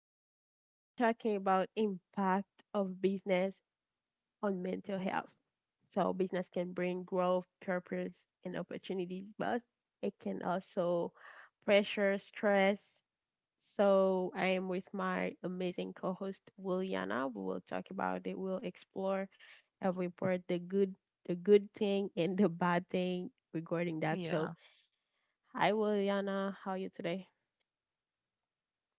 So today we're talking about impact of business on mental health. So business can bring growth, purpose, and opportunities, but it can also pressure, stress. So I am with my amazing co-host Williana. We will talk about it. We'll explore every part, the good thing and the bad thing regarding that. So Yeah. hi Williana, how are you today?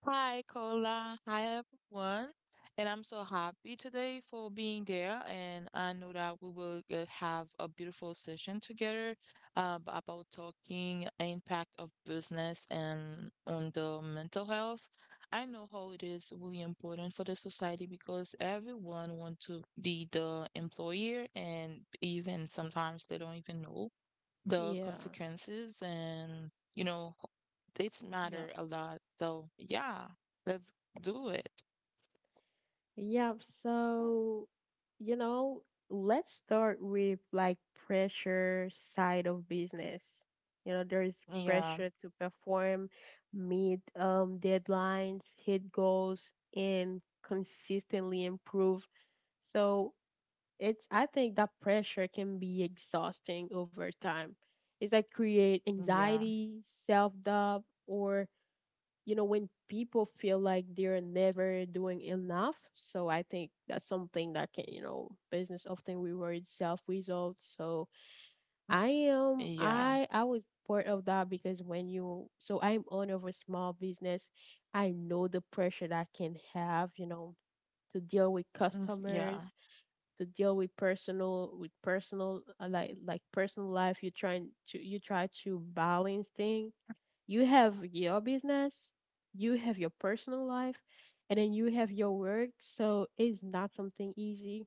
Hi, Cola. Hi, everyone. And I'm so happy today for being there. And I know that we will have a beautiful session together about talking impact of business and on the mental health. I know how it is really important for the society because everyone wants to be the employer, and even sometimes they don't even know the Yeah. consequences, and you know dates Yeah. matter a lot. So yeah, let's do it. Yeah, so you know, let's start with like pressure side of business. You know, there is Yeah, pressure to perform, meet deadlines, hit goals, and consistently improve. So it's I think that pressure can be exhausting over time. It's like create yeah, anxiety, self doubt, or you know when people feel like they're never doing enough, so I think that's something that can, you know, business often rewards self results. So mm, I am yeah, I was part of that because when you, so I'm owner of a small business, I know the pressure that I can have, you know, to deal with yeah. customers, to deal with personal, with personal like personal life. You trying to, you try to balance thing. You have your business, you have your personal life, and then you have your work, so it's not something easy.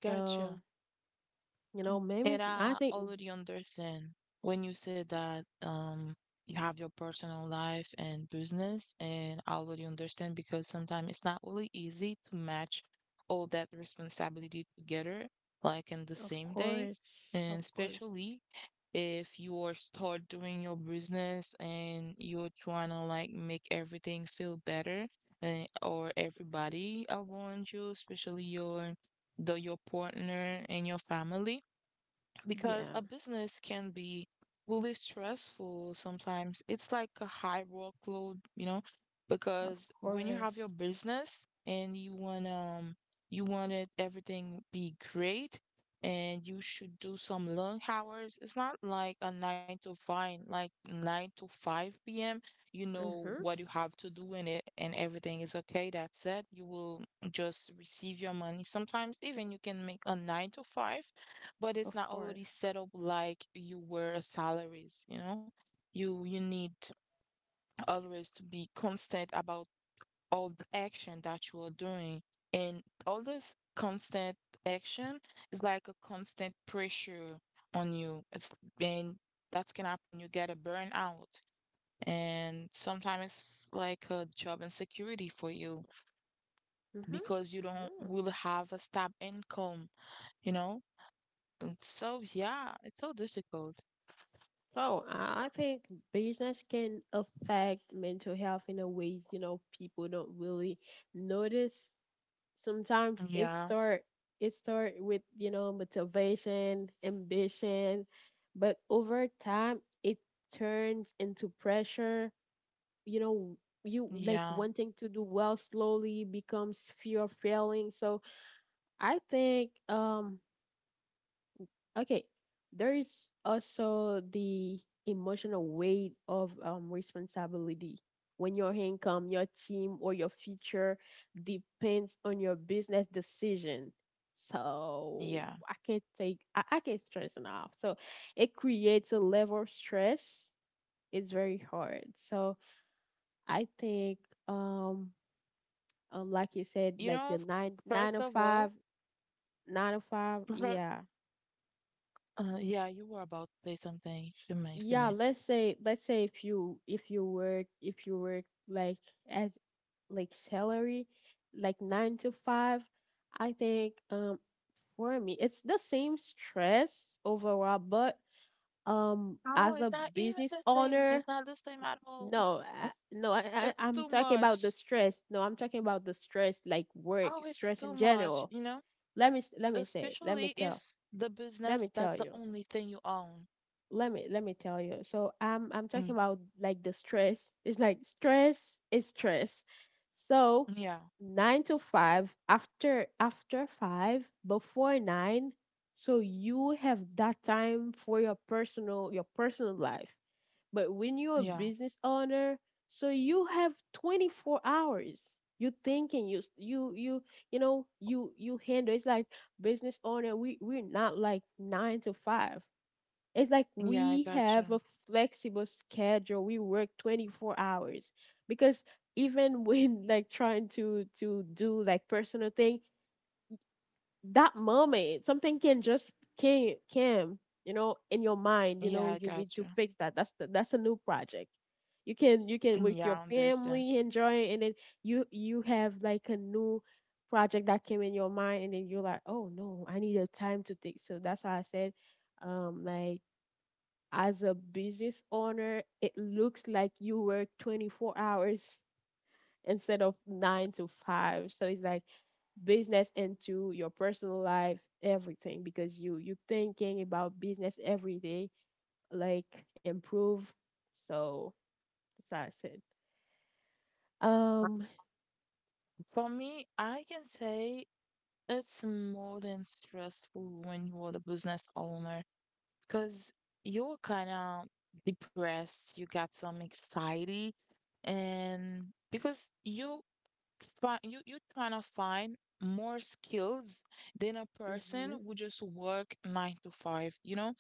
Gotcha. So you know maybe And I I think already understand when you said that you have your personal life and business, and I already understand because sometimes it's not really easy to match all that responsibility together, like in the of same day, course, and of course. especially if you are start doing your business and you're trying to like make everything feel better, or everybody around you, especially your the your partner and your family, because Yeah, a business can be really stressful sometimes. It's like a high workload, you know, of because when you have your course. business and you want it everything be great, and you should do some long hours. It's not like a nine to five, like nine to five p.m. You know Mhm. what you have to do in it and everything is okay. That's it. You will just receive your money. Sometimes even you can make a nine to five, but it's Of not already set course. up like you were a salaries, you know? You need always to be constant about all the action that you are doing. And all this constant action is like a constant pressure on you. It's and that's can happen. You get a burnout. And sometimes it's like a job insecurity for you Mhm. because you don't Yeah. will have a stable income, you know? And so yeah, it's so difficult. So I think business can affect mental health in a ways, you know, people don't really notice. Sometimes it Yeah, start, it start with, you know, motivation, ambition, but over time it turns into pressure. You know, you like yeah, wanting to do well slowly becomes fear of failing. So I think okay. There's also the emotional weight of responsibility. When your income, your team, or your future depends on your business decision. So yeah. I can't take, I can't stress enough. So it creates a level of stress. It's very hard. So I think, um, like you said, You like know, the first of all, nine to five, fir- yeah, yeah, you were about to say something. You may yeah. finish. Let's say, let's say if you, if you work like as like salary, like nine to five, I think for me it's the same stress overall. But Oh, as a it's not even business the same. owner, It's not the same at all. no, no, I It's I'm too talking much. about the stress. No I'm talking about the stress, like work Oh, it's stress too in much, general. you know? Let me Especially tell, if the let me business, that's tell the you. only thing you own. Let me tell you. So I'm talking Mm. about like the stress. It's like stress is stress. So Yeah, nine to five, after, after five, before nine, so you have that time for your personal, your personal life. But when you're a yeah, business owner, so you have 24 hours. You thinking you you, you know, you handle. It's like business owner. We're not like nine to five. It's like yeah, I we got you. have a flexible schedule. We work 24 hours because even when like trying to, do like personal thing, that moment something can just came, you know, in your mind, you know, Yeah, I you need got to you. fix that. That's the, that's a new project. You can with Yeah, your I understand. family enjoy it, and then you have like a new project that came in your mind, and then you're like, "Oh no, I need a time to think." So that's why I said like as a business owner, it looks like you work 24 hours instead of nine to five. So it's like business into your personal life, everything, because you thinking about business every day, like improve. So that's it. Um, For me, I can say it's more than stressful when you are the business owner because you're kind of depressed, you got some anxiety, and because you find you you trying to find more skills than a person mhm, who just work nine to five, you know?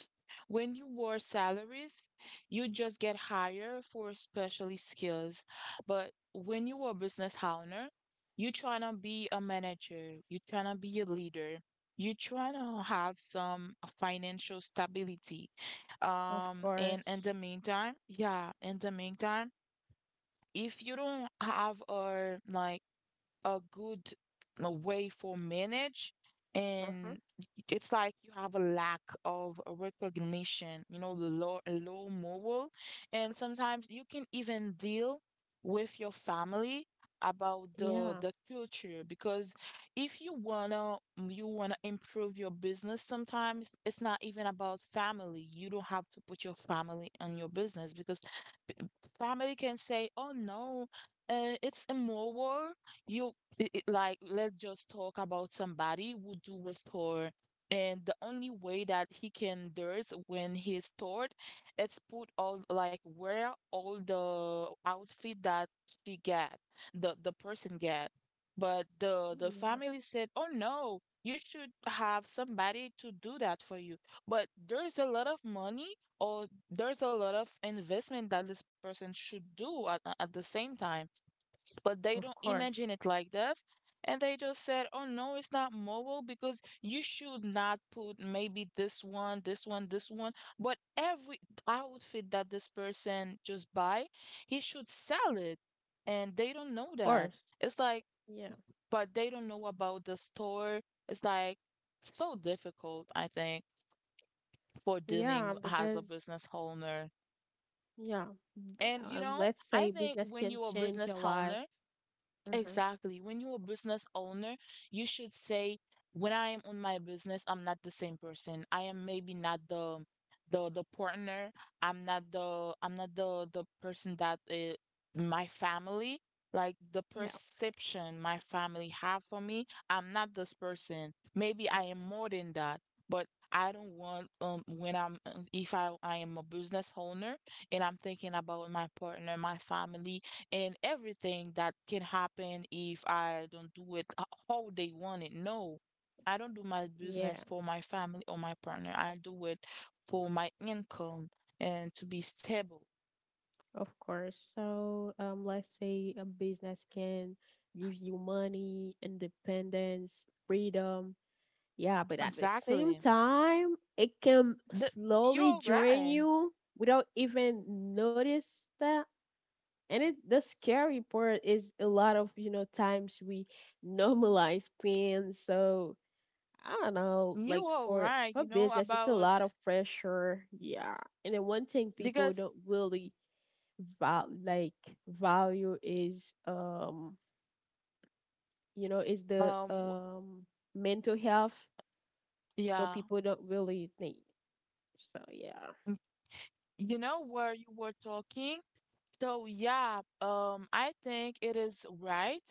When you war salaries, you just get hired for specialty skills. But when you are a business owner, you trying to be a manager, you trying to be a leader, you trying to have some financial stability. of And in course. the meantime, yeah, in the meantime, if you don't have a like a good way to manage, Uh-huh. and it's like you have a lack of recognition, you know, the low moral. And sometimes you can even deal with your family about the Yeah, the culture because if you wanna you wanna improve your business, sometimes it's not even about family. You don't have to put your family on your business because family can say, "Oh no, it's immoral. You like let's just talk about somebody who do was taught, and the only way that he can do it when he is taught, it's put all like wear all the outfit that she get, the person get." But the yeah, family said, "Oh no. You should have somebody to do that for you. But there's a lot of money, or there's a lot of investment that this person should do at the same time, but they of don't course, imagine it like this." And they just said, oh no, it's not mobile because you should not put maybe this one, this one, this one. But every outfit that this person just buy, he should sell it. And they don't know of that. course. It's like, Yeah, but they don't know about the store. It's like so difficult, I think, for yeah, dealing as a because business owner. yeah. And you know, Let's I say think business when can you're a change business your life. owner, Mm-hmm. exactly. When you're a business owner, you should say, when I am on my business, I'm not the same person. I am maybe not the partner. I'm not the I'm not the person that my family, like the Yeah. perception my family have for me. I'm not this person. Maybe I am more than that. But I don't want when I'm if I am a business owner and I'm thinking about my partner, my family, and everything that can happen if I don't do it how they want it. No, I don't do my Yeah. business for my family or my partner. I do it for my income and to be stable. Of course. So, let's say a business can give you money, independence, freedom. Yeah, but at the same Exactly. time, it can The, slowly you're drain right. you without even notice that. And it, the scary part is a lot of, you know, times we normalize pain. So, I don't know, like You are for right, you know, business, it's a about lot of pressure. Yeah, and then one thing people because don't really val like value is you know is the um w- mental health. So yeah, people don't really think. So yeah, m- you know where you were talking. So yeah, I think it is right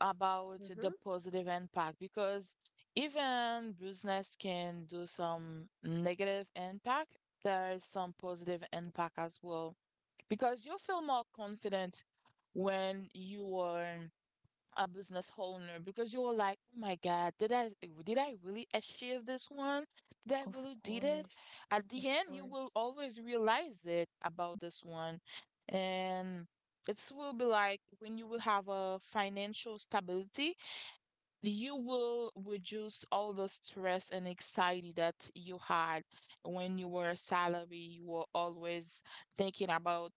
about the hmm, positive impact because even business can do some negative impact, there is some positive impact as well because you feel more confident when you are a business owner because you're like, oh my God, did I really achieve this one? Did I of really did it? course, At of the end, you will course, always realize it about this one, and it will be like when you will have a financial stability, you will reduce all the stress and anxiety that you had when you were a salary. You were always thinking about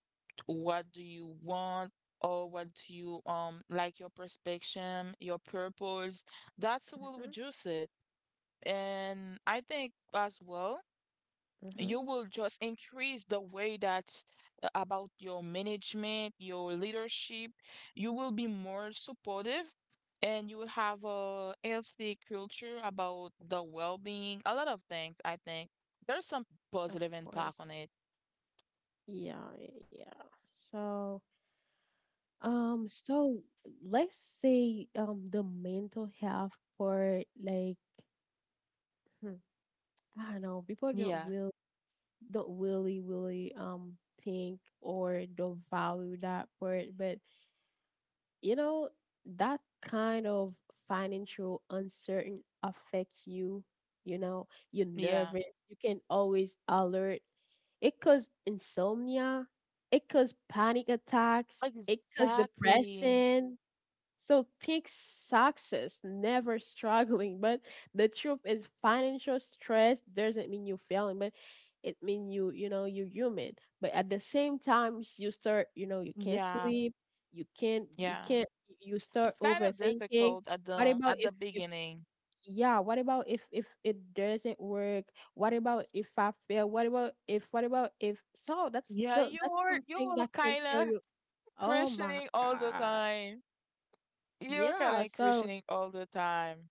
what do you want or what do you like your perspective, your purpose. That's will hmm, reduce it. And I think as well hmm, you will just increase the way that about your management, your leadership. You will be more supportive and you will have a healthy culture about the well-being, a lot of things, I think. There's some of positive course. impact on it. Yeah, yeah, yeah. So um, so let's say the mental health part, like hmm, I don't know, people don't Yeah, will don't really think or don't value that part, but you know that kind of financial uncertain affects you. You know, you're yeah. nervous. You can always alert. It causes insomnia. It causes panic attacks. It causes Exactly. depression. So think success, never struggling. But the truth is financial stress doesn't mean you're failing, but it means you, you know, you're human. But at the same time, you start, you know, you can't Yeah, sleep, you can't, you yeah. can't, you start It's kind of overthinking. difficult at What the about at the if, beginning. yeah, what about if, it doesn't work? What about if I fail? What about if so that's Yeah, the, you that's were you something were that can kill kind of you. Oh my questioning all the gosh. time. You're kind of Yeah, so crocheting all the time.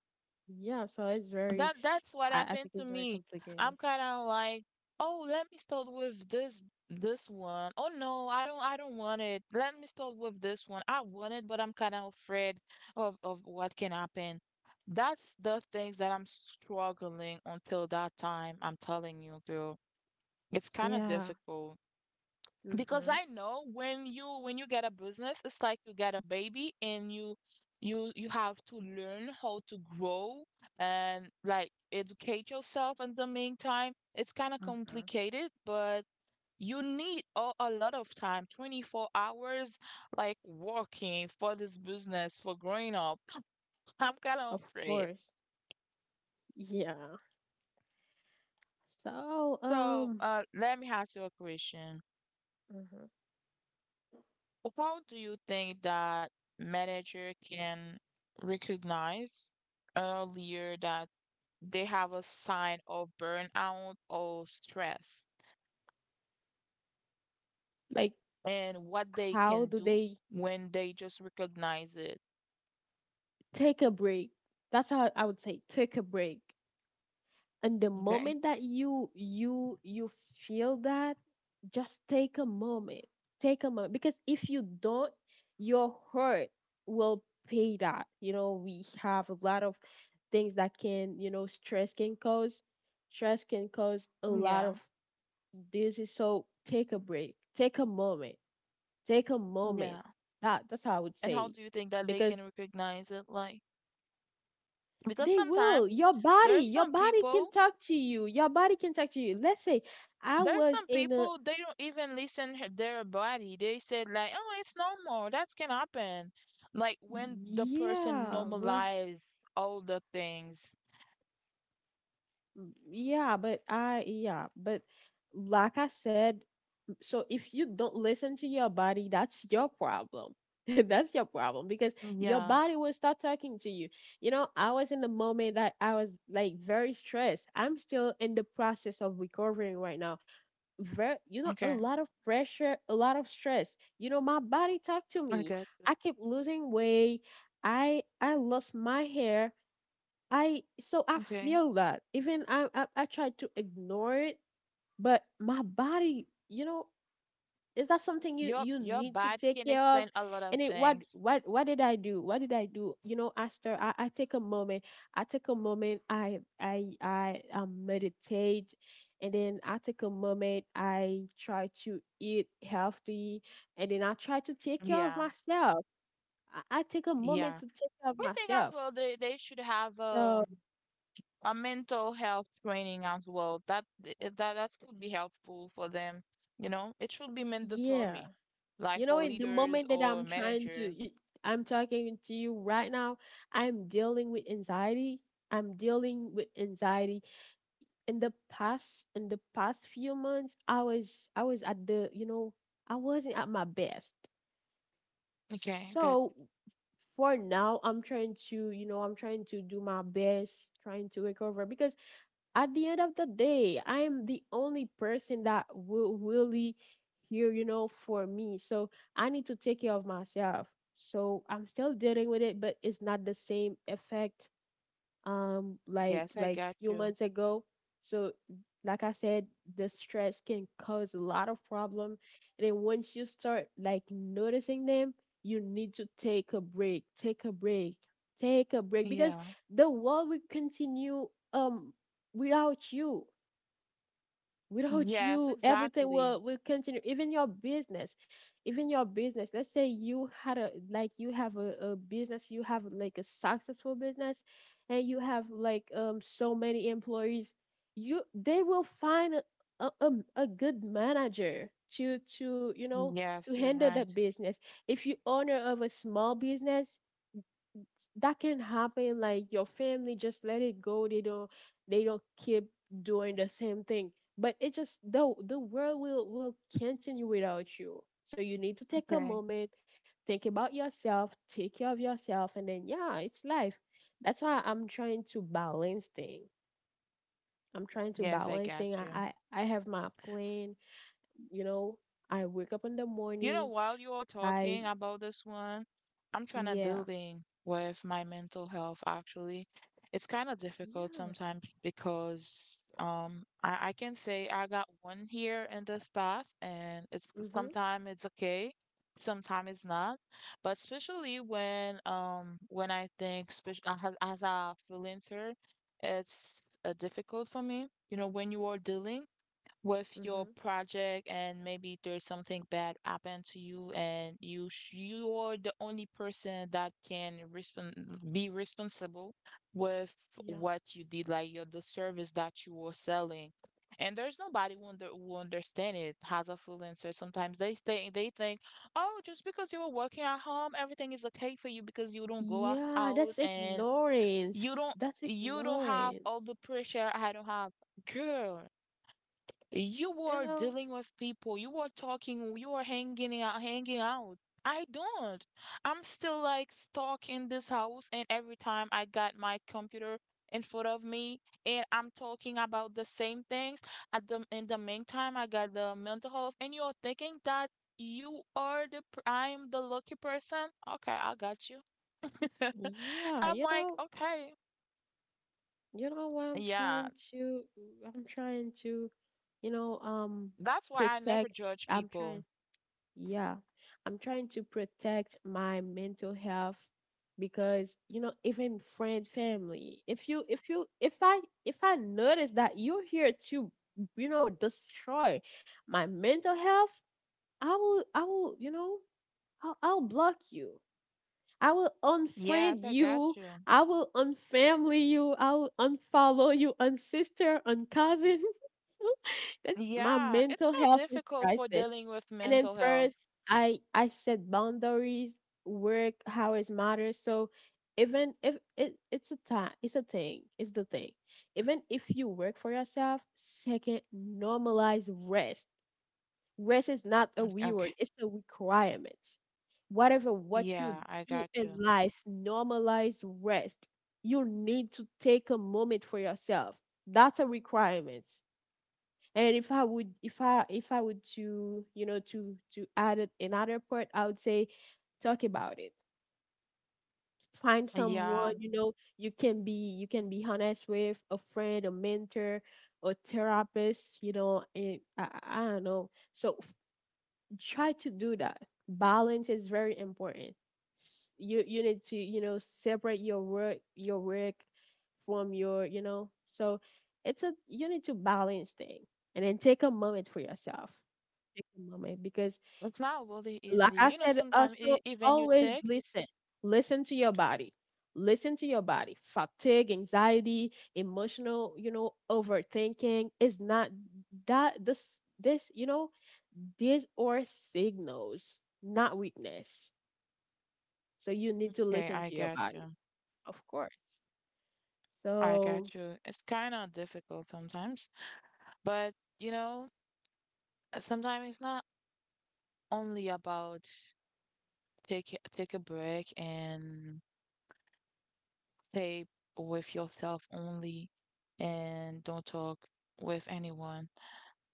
yeah, so it's very, That that's what I happened think to it's very me. complicated. I'm kind of like, oh, let me start with this one. Oh no, I don't want it. Let me start with this one. I want it, but I'm kind of afraid of what can happen. That's the things that I'm struggling until that time. I'm telling you, girl, it's kind of Yeah. difficult because Mm-hmm. I know when you get a business, it's like you get a baby, and you you have to learn how to grow and like educate yourself in the meantime. It's kind of Mm-hmm. complicated, but you need a lot of time, 24 hours, like working for this business for growing up. I'm kind of Of afraid. course. Yeah. So, So, let me ask you a question. mhm. How do you think that manager can recognize earlier that they have a sign of burnout or stress, Like, and what they how can do do they when they just recognize it? take a break? That's how I would say, take a break. And the Okay. moment that you you feel that, just take a moment, take a moment, because if you don't, your heart will pay that. You know, we have a lot of things that can, you know, stress can cause, stress can cause a lot Yeah. of disease. So take a break, take a moment, take a moment. Yeah. That, that's how I would And how say. do you think that they can Because recognize it? Like, because they will. sometimes there are Your some body can people. talk to you. Your body can talk to you. Let's say I There's was some in a, people they don't even listen to their body. They said like, "Oh, it's normal. That can happen." Like when the person yeah, well, normalize all the things. yeah, but I yeah, but like I said, so if you don't listen to your body, that's your problem. That's your problem because your Yeah. body will start talking to you. You know, I was in the moment that I was like very stressed. I'm still in the process of recovering right now. Very, you know, a Okay. lot of pressure, a lot of stress. You know, my body talked to I me. got you. I kept losing weight. I lost my hair. I So I Okay. feel that even I tried to ignore it, but my body, you know, is that something you Your need to body take can care explain of. a lot of And it, things. What did I do, what did I do, you know? After I take a moment, I take a moment, I meditate, and then I take a moment, I try to eat healthy, and then I try to take care of Yeah. myself. I take a moment Yeah. to take care of I think as myself. well they should have So a mental health training as well. That that that could be helpful for them. You know, it should be yeah. mandatory, like You for know, in the leaders moment that or I'm trying to, manager. I'm talking to you right now, I'm dealing with anxiety. I'm dealing with anxiety. In the past few months, I was at the, you know, I wasn't at my best. Okay, I got you. So for now, I'm trying to, you know, I'm trying to do my best, trying to recover because at the end of the day, I am the only person that will really here, you know, for me. So I need to take care of myself. So I'm still dealing with it, but it's not the same effect like Yes, I got few you. months ago. So like I said, the stress can cause a lot of problem. And then once you start like noticing them, you need to take a break. Take a break. Take a break because Yeah. the world will continue um without you. without Yes, you everything exactly. will continue, even your business, even your business. Let's say you had a like you have a business, you have like a successful business, and you have like so many employees. You They will find a good manager to you know to Yes, you're handle right. that business. If you owner of a small business, that can happen, like your family just let it go. They don't they don't keep doing the same thing. But it just the world will continue without you, so you need to take a Okay. moment, think about yourself, take care of yourself, and then yeah, it's life. That's why I'm trying to balance thing, i'm trying to Yes, I balance got thing you. I have my plan, you know. I wake up in the You morning. know, while you're I talking about this one, I'm trying to yeah, dealing with my mental health actually. It's kind of difficult yeah, sometimes because I can say I got one here in this path, and it's mhm, sometimes it's okay, sometimes it's not. But especially when I think as a freelancer, it's difficult for me. You know, when you are dealing with your mhm, project and maybe there's something bad happened to you, and you you are the only person that can respon be responsible with yeah. what you did, like your the service that you were selling, and there's nobody who, who understand it as a freelancer. Sometimes they think, oh, just because you were working at home everything is okay for you because you don't go out, Yeah, out, that's and ignorance. you don't That's you don't have ignorance. all the pressure I don't have. Girl, you You were know, dealing with people. You were talking. You were hanging out, hanging out. I don't. I'm still like stuck in this house, and every time I got my computer in front of me, and I'm talking about the same things. At the meantime, I got the mental health, and you're thinking that you are I'm the lucky person. Okay, I got you. yeah, I'm you like, know, okay, you know what yeah. I'm trying to, you know, um, That's why I protect, never judge I'm trying, people. yeah, I'm trying to protect my mental health because, you know, even friend, family, if I notice that you're here to, destroy my mental health, I will, I will, you know, I'll block you. I will Yes, unfriend I got you. you. I will unfamily you. I will unfollow you, unsister, uncousin. That's my Yeah, it's mental so health is difficult for crisis. dealing with And then mental health. first, I set boundaries, work hours matter. So even if it, it's a time, it's a thing, it's the thing. Even if you work for yourself, second, normalize rest. Rest is not a Okay. Okay. reward, it's a requirement. Whatever what you Yeah, I do got in you. life, normalize rest. You need to take a moment for yourself. That's a requirement. And if I would to to add another part, I would say talk about it. Find someone, Yeah, you know, you can be honest with a friend, a mentor, a therapist, you know, and I don't know. So try to do that. Balance is very important. You need to separate your work from your so it's a you need to balance thing and then take a moment for yourself. Take a moment because it's not really like easy. I You know, said, sometimes also even you always take. listen to your body, listen to your body, fatigue, anxiety, emotional, you know, overthinking is not that this these are signals, not weakness. So you need to Okay, listen I to your got body, you. of course. I So, got you. It's kind of difficult sometimes, but you know, sometimes it's not only about take a break and stay with yourself only and don't talk with anyone.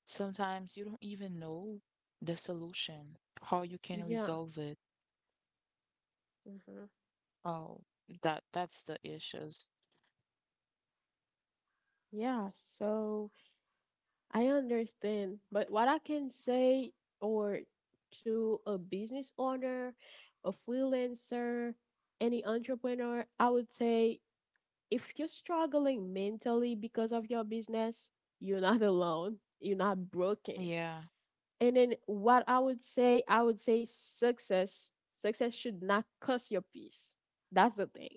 Sometimes you don't even know the solution, how you can yeah. resolve it. Hmm. Oh, that's the issues. Yeah. So I understand. But what I can say, or to a business owner, a freelancer, any entrepreneur, I would say if you're struggling mentally because of your business, you're not alone. You're not broken. Yeah, And then what I would say success. Success should not cost your peace. That's the thing.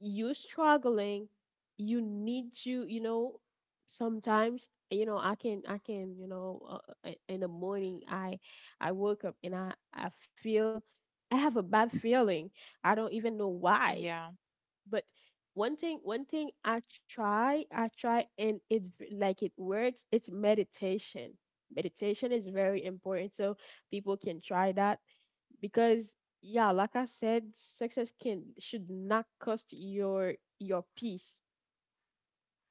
You struggling, you need to, you know, sometimes, I can, you know, in the morning, I woke up and I feel, I have a bad feeling. I don't even know why. yeah, But one thing I try, and it like it works. It's meditation. Meditation is very important, so people can try that because yeah, like I said, success can should not cost your peace.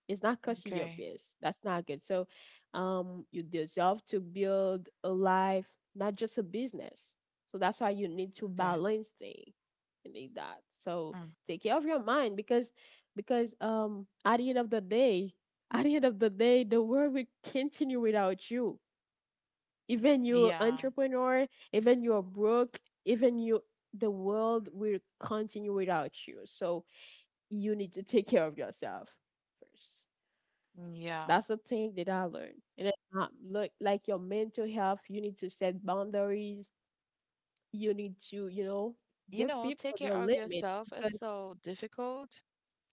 It's not because crushing your okay, peers. That's not good. So, you deserve to build a life, not just a business. So that's why you need to okay. balance things. You need that. So Mm. take care of your mind because, at the end of the day, at the end of the day, the world will continue without you. Even you're Yeah, entrepreneur, even you're broke, even you, the world will continue without you. So you need to take care of yourself first. mm, yeah. That's the thing that I learned. And it's not look like your mental health, you need to set boundaries. You need to, you know, You give know, people take their care of limits yourself is because so difficult.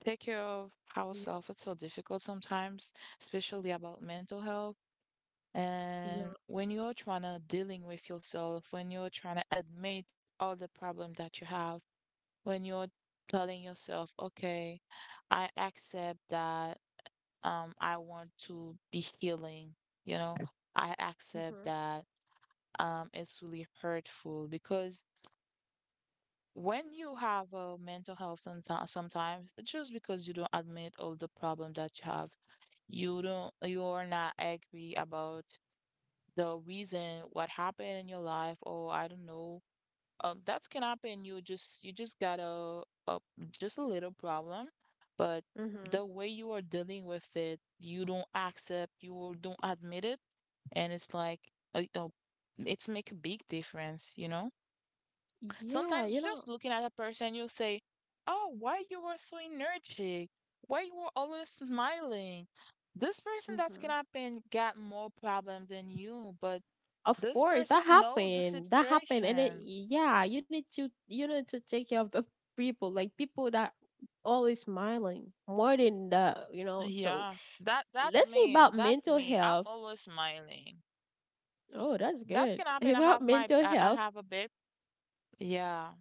Take care of yeah, ourselves, it's so difficult sometimes, especially about mental health. yeah, And when you're trying to dealing with yourself, when you're trying to admit all the problem that you have, when you're telling yourself, okay, I accept that I want to be healing, you know, I accept mhm, that it's really hurtful because when you have a mental health sometimes just because you don't admit all the problem that you have, you're not angry about the reason what happened in your life or I don't know, that can happen. You just got a just a little problem, but mhm, the way you are dealing with it, you don't accept, you don't admit it, and it's like uh, uh, it's make a big difference. You know, yeah, you sometimes know, just looking at a person, you will say, "Oh, why you were so energetic? Why you were always smiling?" This person that's mhm. gonna happen got more problem than you, but Of this course, that person know the happened. That happened, and it, situation. yeah, you need to take care of the people, like people that always smiling more than the, you know. So Yeah, that's let's say me. about That's mental me. I'm health. always smiling. Oh, that's That good. can happen. I About have my mental I health, have a bit. Yeah.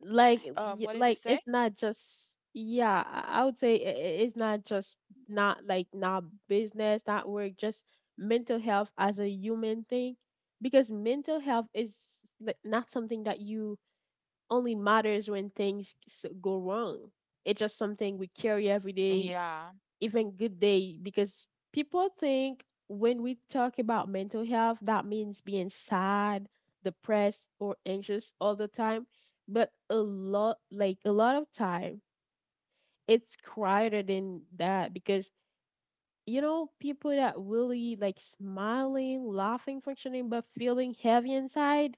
like y- What did you like say? it's not just, yeah, I would say it's not just, not like, not business, not work, just mental health as a human thing because mental health is like not something that you only matters when things go wrong. It's just something we carry every day, Yeah. even good day, because people think when we talk about mental health that means being sad, depressed or anxious all the time, but a lot like a lot of time it's quieter than that because you know people that really like smiling, laughing, functioning but feeling heavy inside.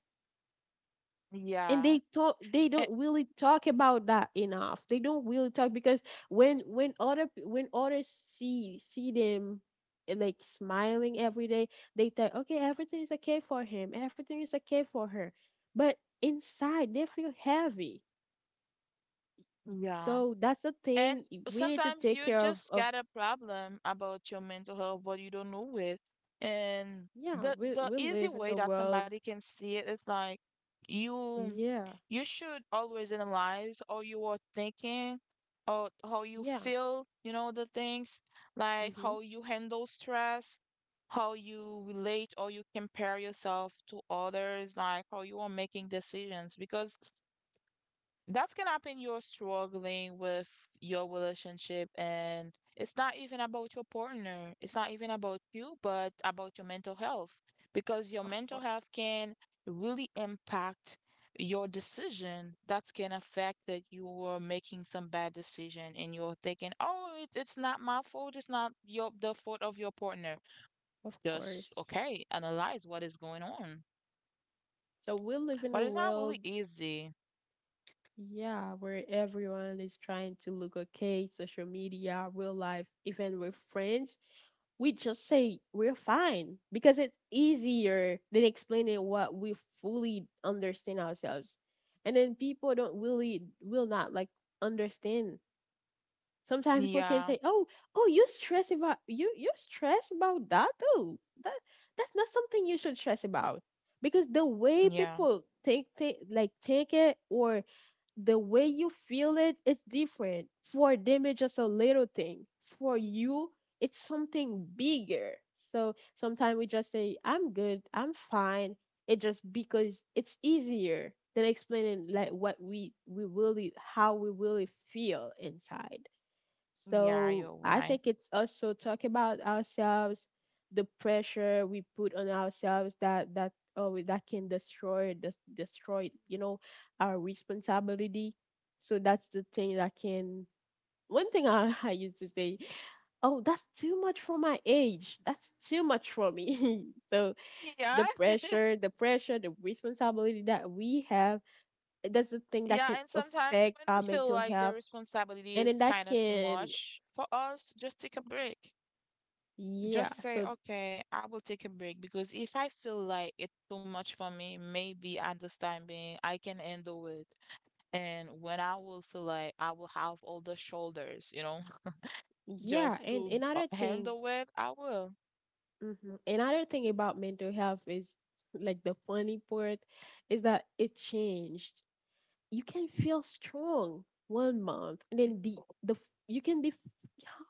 And they Yeah. talk, they Eh, don't really talk about that enough. They don't really talk because when others see them, like smiling every day, they think, okay, everything is okay for him, everything is okay for her, but inside they feel heavy. yeah. So that's the And thing, we need to sometimes take you care just of got a problem about your mental health, but you don't know it. And yeah, the the we easy live in way a that world, somebody can see it is like you yeah, you should always analyze how you are thinking or how you yeah, feel, you know, the things like mhm, how you handle stress, how you relate or you compare yourself to others, like how you are making decisions because that's gonna happen you're struggling with your relationship and it's not even about your partner. It's not even about you, but about your mental health. Because your of mental course, health can really impact your decision. That can affect that you are making some bad decision and you're thinking, oh, it's not my fault, it's not your the fault of your partner. of Just course. okay, analyze what is going on. So we live in But a it's not world, really easy. yeah, where everyone is trying to look okay, social media, real life, even with friends, we just say we're fine because it's easier than explaining what we fully understand ourselves. And then people don't really will not like understand. Sometimes people can Yeah, say, "Oh, oh, you stress about you stress about that? Oh, that that's not something you should stress about." Because the way yeah, people think like take it, or the way you feel it is different. For them, it's just a little thing. For you, it's something bigger. So sometimes we just say, I'm good, I'm fine. It just because it's easier than explaining like what we really, how we really feel inside. yeah, So you're I right. think it's also talk about ourselves, the pressure we put on ourselves that that can destroy, you know, our responsibility. So that's the thing that can. One thing I used to say, oh that's too much for my age. That's too much for me. So Yeah, the pressure, the responsibility that we have, that's the thing that can yeah, and sometimes affect when our we feel mental like the health, responsibility and then is that kind of too can, much for us, just take a break. yeah, Just say, so, okay, I will take a break because if I feel like it's too much for me, maybe at this time being, I can handle it. And when I will feel like I will have all the shoulders, you know, yeah, just and to another thing, handle it, I will. hmm, another thing about mental health is like the funny part is that it changed. You can feel strong 1 month, and then you can be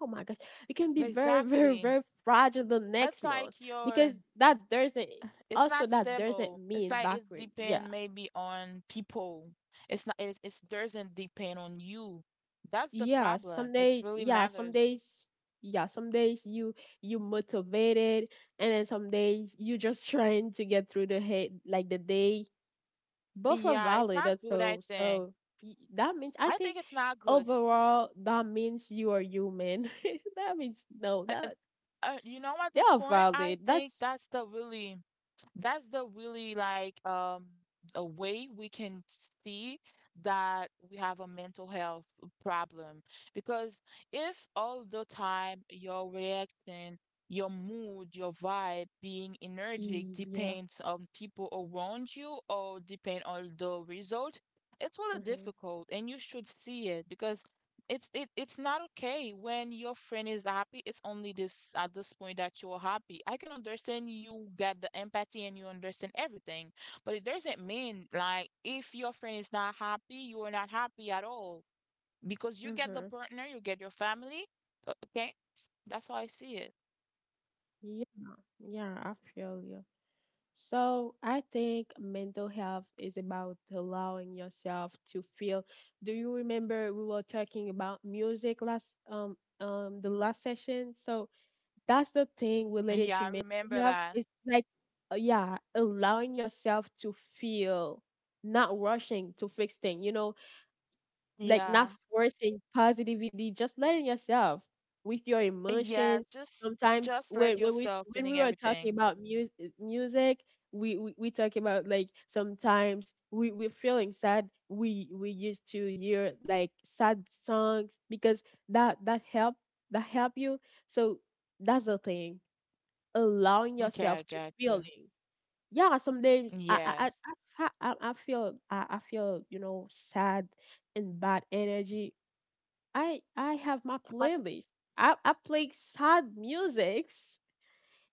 oh my gosh, you can be very very Exactly. very fragile the next That's like month because your that doesn't, It's also not that doesn't stable. It's mean like it's backward. depend Yeah, maybe on people. It's not it's doesn't depend on you. That's the yeah, problem. some It days, really yeah, matters. Yeah, some days you, you motivated, and then some days you just trying to get through the head like the day. Both are Yeah, it's valid. not good, I Also. So think. so, that means I I think think it's not good. overall that means you are human. That means no, Uh, uh, that you know, at they this are point, I valid. think That's that's the really like a way we can see that we have a mental health problem because if all the time your reaction your mood your vibe being energetic yeah. depends on people around you or depend on the result it's really Mm-hmm. difficult and you should see it because it, it's not okay when your friend is happy it's only this at this point that you're happy I can understand you get the empathy and you understand everything but it doesn't mean like if your friend is not happy you are not happy at all because you get the Mm-hmm. partner you get your family okay that's how I see it. Yeah, yeah, I feel you. So I think mental health is about allowing yourself to feel. Do you remember we were talking about music last the last session? So that's the thing related Yeah, to I mental remember health. that. It's like, yeah, allowing yourself to feel, not rushing to fix things. You know, like Yeah, not forcing positivity, just letting yourself with your yeah, emotions. Sometimes just let when we yourself when we feeling were talking everything. about music, music, we, we talk about like sometimes we're feeling sad. We used to hear like sad songs because that help, that help you. So that's the thing, allowing Okay, I yourself to got you. feeling, yeah, sometimes Yes. I I feel, I feel, you know, sad and bad energy. I have my playlist, I play sad musics,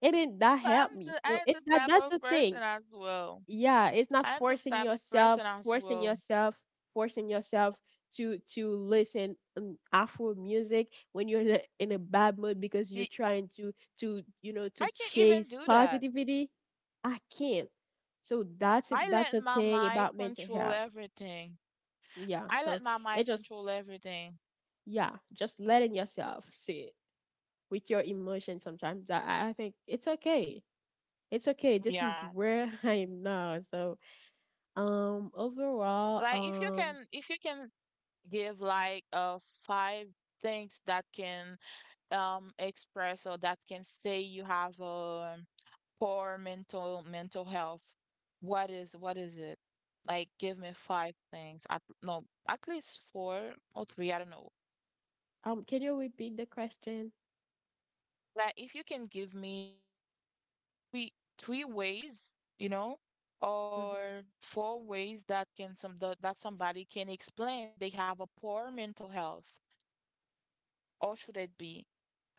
and then that help me. So I'm it's the that, type that's of the person thing, as well. yeah, it's not I'm this forcing type of yourself, person as well. Forcing yourself to listen, afro music when you're in in a bad mood because you're Y- trying to you know to I can't even chase do that. positivity. I can't. So that's I that's let a my thing mind about mental control health, everything. yeah, I so let my it mind just, control everything. yeah, just letting yourself sit with your emotions. Sometimes I think it's okay, it's okay, this is Yeah. where I am now. So, overall, Like if you can give like five things that can express or that can say you have a poor mental health, what is it? Like, give me five things. At, no, at least four or three. I don't know. Can you repeat the question? Like, if you can give me three three ways, you know, Mm-hmm. or four ways that can some that that somebody can explain they have a poor mental health, or should it be?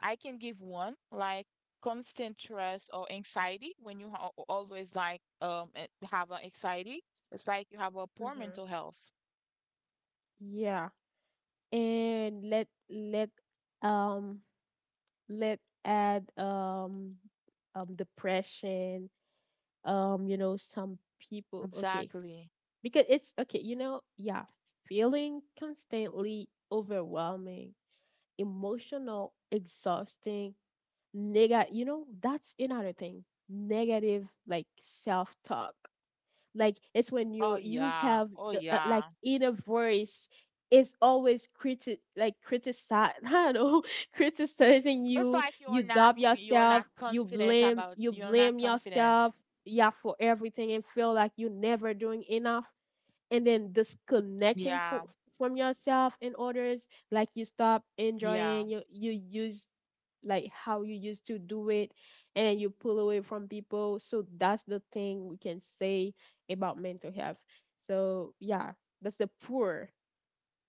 I can give one like constant stress or anxiety when you always like have an anxiety. It's like you have a poor Mm-hmm. mental health. Yeah, and let um let add, depression, you know some people okay Exactly. because it's okay, you know, yeah, feeling constantly overwhelming, emotional, exhausting, negative, you know, that's another thing, negative like self talk, like it's when Oh you're, you yeah. have Oh the like yeah. inner voice is always criti like criticize, I don't know, criticizing It's you, like you doubt you're not yourself, you confident about you're not blame confident. yourself, yeah, for everything, and feel like you're never doing enough, and then disconnecting Yeah. From yourself and others, like you stop Yeah. enjoying, you use like how you used to do it, and you pull away from people. So that's the thing we can say about mental health. So yeah, that's the poor,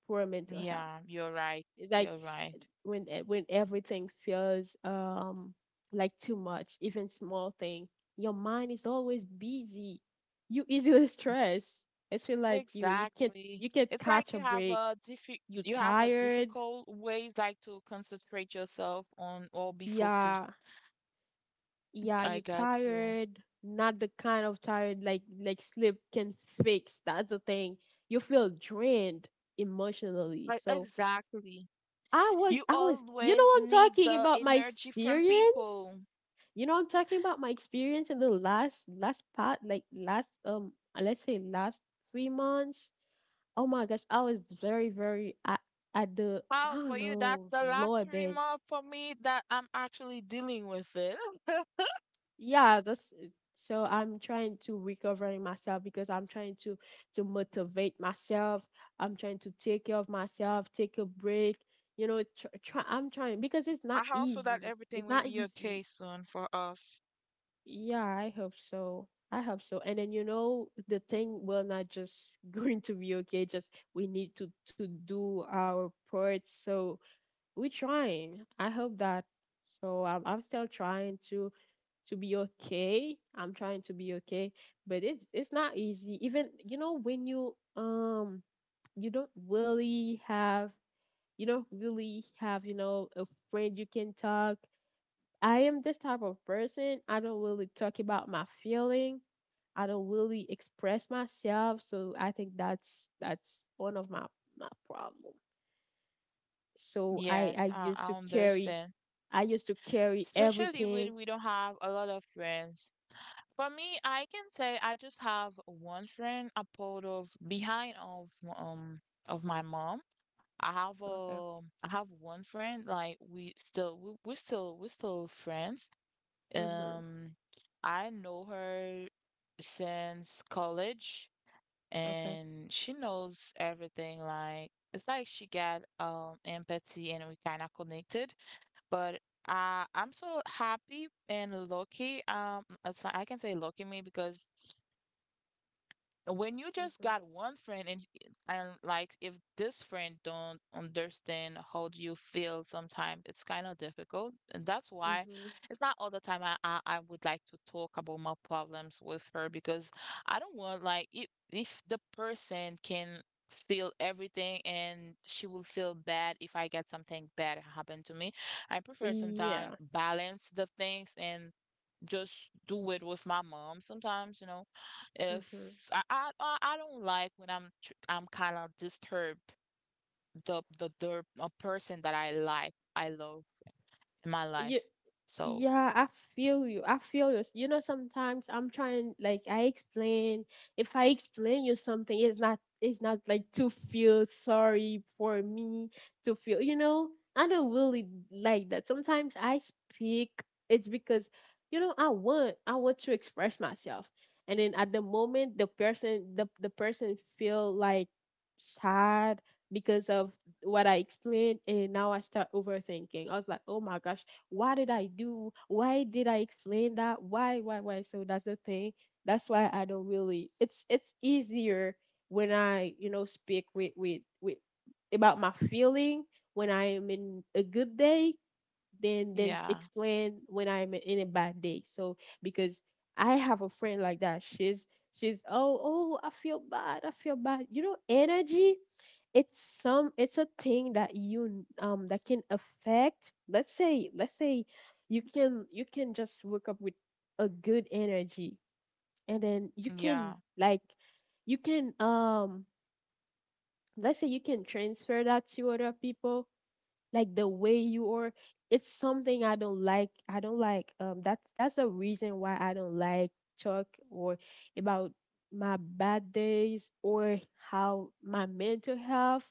poor mental health. Yeah. You're right. It's like You're right. when everything feels like too much, even small thing, your mind is always busy. You easily stress. It's feel like you can't, Exactly. you can't It's like catch a you have break. a diffi You you have a tired. difficult ways like to concentrate yourself on or be focused. Yeah, yeah, I you got you. tired. Not the kind of tired like sleep can fix. That's the thing. You feel drained emotionally. I, So exactly. I was You I was you always know, I'm need talking the about my energy from experience. people. You know, I'm talking about my experience in the last part, like last let's say last 3 months. Oh my gosh, I was very at the, I Wow, for don't you, that's know, the last lower bed. remark for me that I'm actually dealing with it. Yeah, that's, so I'm trying to recovering myself because I'm trying to motivate myself. I'm trying to take care of myself, take a break. You know, I'm trying because it's I not hope so that easy. everything It's will not be easy. okay soon for us. Yeah, I hope so. I hope so. And then you know the thing will not just going to be okay. Just we need to do our part. So we're trying. I hope that. So I'm still trying to be okay. I'm trying to be okay, but it's not easy. Even when you you don't really have you don't really have a friend you can talk. I am this type of person. I don't really talk about my feeling. I don't really express myself. So I think that's one of my problem. So I Yes, used to I carry understand. I used to carry Especially everything. when we don't have a lot of friends. For me, I can say I just have one friend, a part of behind um of my mom. I have Okay. a I have one friend like we still we're still we're still friends. Mhm. Um, I know her since college Okay. and she knows everything. Like, it's like she got empathy and we kind of connected. But I'm so happy and lucky. It's- I can say lucky me because when you just Mhm. got one friend and like if this friend don't understand how do you feel sometimes it's kind of difficult and that's why Mhm. it's not all the time I would like to talk about my problems with her because I don't want like if the person can feel everything and she will feel bad if I get something bad happen to me I prefer sometimes Yeah. balance the things and just do it with my mom sometimes, you know. Mhm. If I don't like when I'm I'm kind of disturbed the a person that I like I love in my You life. So Yeah, I feel you. I feel you. You know, sometimes I'm trying, like I explain. If I explain you something, it's not like to feel sorry for me to feel. You know, I don't really like that. Sometimes I speak. It's because, you know, I want to express myself, and then at the moment, the person, the person feel like sad because of what I explained, and now I start overthinking. I was like, oh my gosh, what did I do? Why did I explain that? Why, why? So that's the thing. That's why I don't really. It's easier when I speak with about my feeling when I am in a good day than yeah, explain when I'm in a bad day. So because I have a friend like that, she's oh, I feel bad, I feel bad. You know, energy, it's a thing that you that can affect, let's say, you can just wake up with a good energy, and then yeah, you can let's say you can transfer that to other people like the way you are. It's something I don't like. That's a reason why I don't like talk or about my bad days or how my mental health,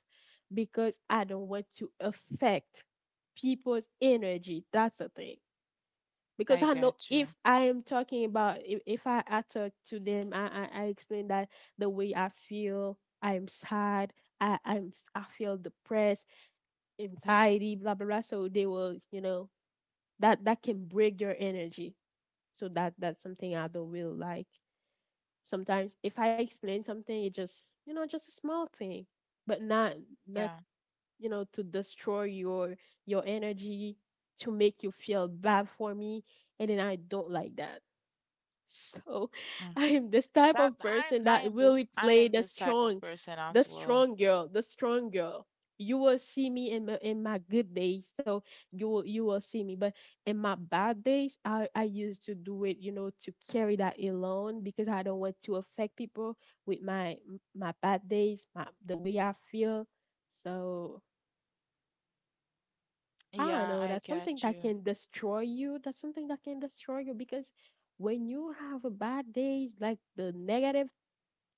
because I don't want to affect people's energy. That's the thing, because I I know get if you. I am talking about, if I talk to them. I explain that the way I feel, I'm sad, I feel depressed, anxiety, blah blah blah. So they will, you know, that can break your energy. So that's something I don't really like. Sometimes if I explain something, it just, just a small thing, but not, Yeah, to destroy your energy, to make you feel bad for me, and then I don't like that. So mm. I'm this type That of person that really I play am this type of person the as well. strong girl, the strong girl. You will see me in my good days, so you will see me. But in my bad days, I used to do it, you know, to carry that alone, because I don't want to affect people with my bad days, my the way I feel. So I don't Yeah, know, I that's something get that you. can destroy you. That's something that can destroy you, because when you have a bad days, like the negative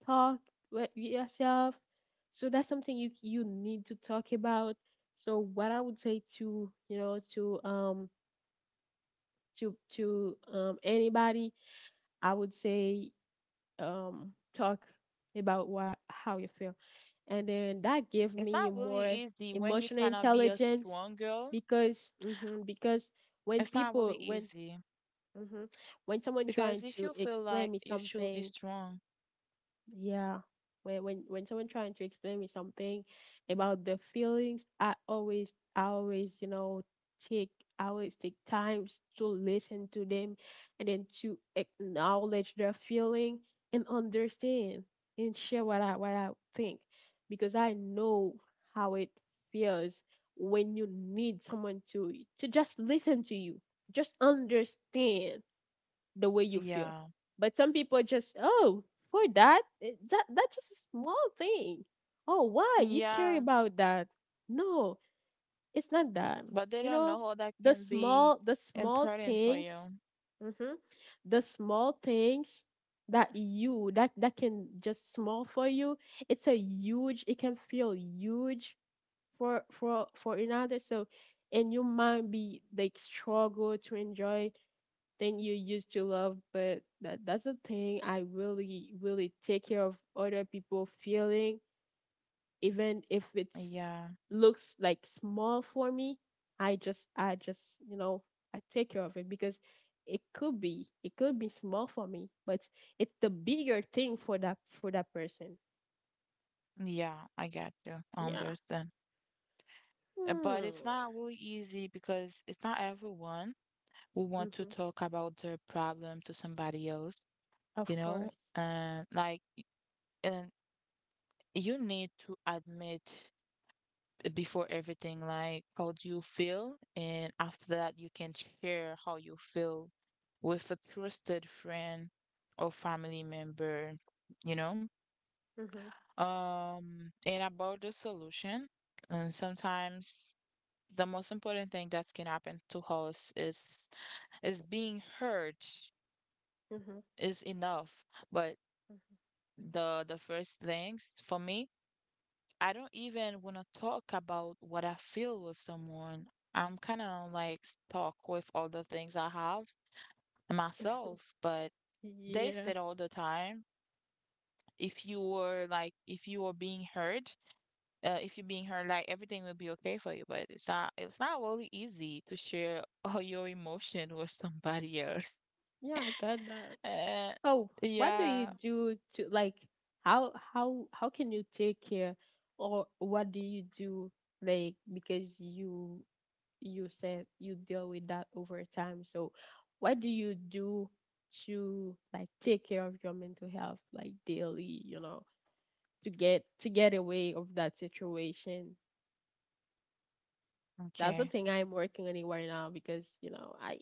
talk with yourself, so that's something you need to talk about. So what I would say to, to, to, anybody, I would say, talk about what, how you feel, and then that gave It's me not really more easy when you're emotional trying to be a intelligence, strong girl. because, because It's not really when easy hmm when someone because trying if to you feel like explain me you should be something. strong. Yeah. When someone trying to explain me something about the feelings, I always, you know, take I always take times to listen to them, and then to acknowledge their feeling, and understand, and share what I think. Because I know how it feels when you need someone to just listen to you. Just understand the way you feel. Yeah. But some people just, oh, for that, that's just a small thing. Oh, why you care Yeah. about that? No, it's not that. But they You don't know know, how that can be the small important for things, you. hmm the small things, that can just small for you. It's a huge. It can feel huge for another. So, and you might be like struggle to enjoy thing you used to love, but that's the thing. I really really take care of other people feeling, even if it's Yeah. looks like small for me. I just, I take care of it, because it could be small for me, but it's the bigger thing for that person. Yeah. I got you. I Yeah. understand. But Hmm. it's not really easy because it's not everyone who want to Hmm. talk about their problem to somebody else, you Of know? course. And like, and you need to admit before everything, like how do you feel? And after that, you can share how you feel with a trusted friend or family member, you know? Hmm. And about the solution, and sometimes the most important thing that can happen to us is being heard Hmm. Hmm. is enough. But the first things for me I don't even want to talk about what I feel with someone. I'm kind of like stuck with all the things I have and myself, but they Yeah, said all the time, if you were like, if you were being heard, if you're being heard, like everything will be okay for you. But it's not really easy to share all your emotion with somebody else. yeah, I got that. Uh, So, what do you yeah. do to like, how can you take care, or what do you do, like because you said you deal with that over time. So, what do you do to like take care of your mental health like daily, to get away of that situation? That's the Okay. thing I'm working on it right now, because, you know,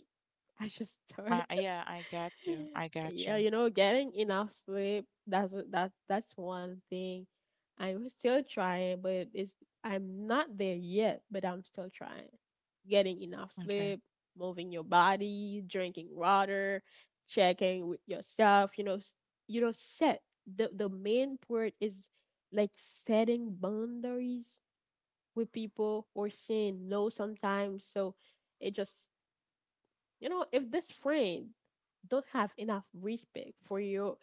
I just started. Yeah, I got you. I got Yeah, you. you know, getting enough sleep, that's a- that that's one thing. I'm still trying, but it's I'm not there yet, but I'm still trying. Getting enough Okay. sleep, moving your body, drinking water, checking with yourself, you know, you know, set, the main part is like setting boundaries with people or saying no sometimes. So it just, if this friend don't have enough respect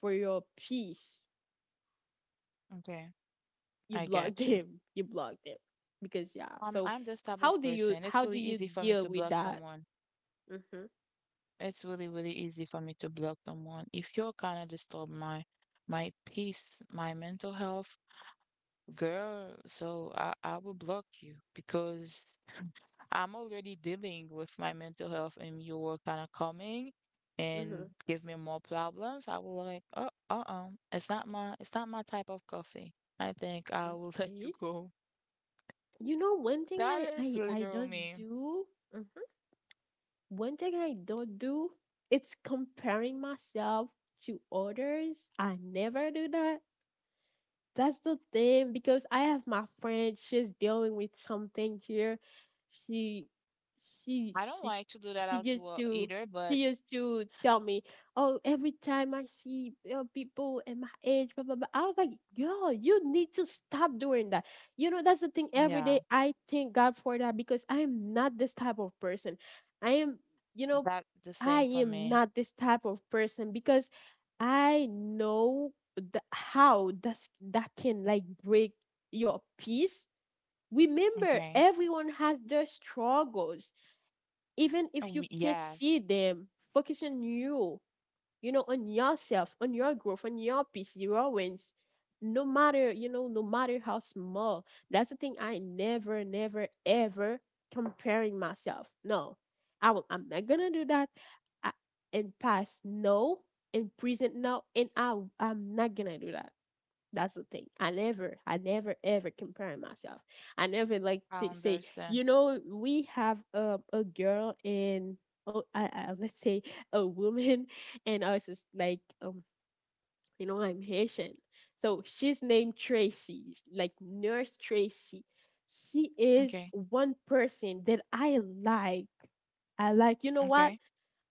for your peace, Okay. you I blocked got you. him you blocked him, because yeah. So I'm this type how of do you, person. It's really easy for me deal to with block that? someone. Hmm. It's really, really easy for me to block someone. If you're kind of disturb my my peace, my mental health, girl, so I will block you because I'm already dealing with my mental health and you were kind of coming Hmm. and give me more problems. I will like, oh, uh-uh. It's not my type of coffee. I think I will let you Okay. go. You know, one thing, That is I literal don't me. do, not do, one thing I don't do, it's comparing myself to others. I never do that. That's the thing, because I have my friend. She's dealing with something here. She, she, I don't she, like to do that she as used well to, either, but she used to tell me, "Oh, every time I see, people at my age, blah blah blah." I was like, "Yo, you need to stop doing that." You know, that's the thing. Every yeah, day, I thank God for that, because I am not this type of person. I am, you know, that the I same for am me. not this type of person, because I know, how does that can like break your peace. Remember, Okay. everyone has their struggles, even if Oh, you can't see yes, them. Focus on you, you know on yourself, on your growth, on your peace, your wins, no matter, no matter how small. That's the thing. I never never ever comparing myself, no. I'm not gonna do that. I, and past, no. And present, no. And I'm not gonna do that. That's the thing. I never ever compare myself. I never like to I say, understand. We have a girl in, oh, let's say, a woman, and I was just like, you know, I'm Haitian, so she's named Tracy, like Nurse Tracy. She is Okay, one person that I like. I like. You know what? okay,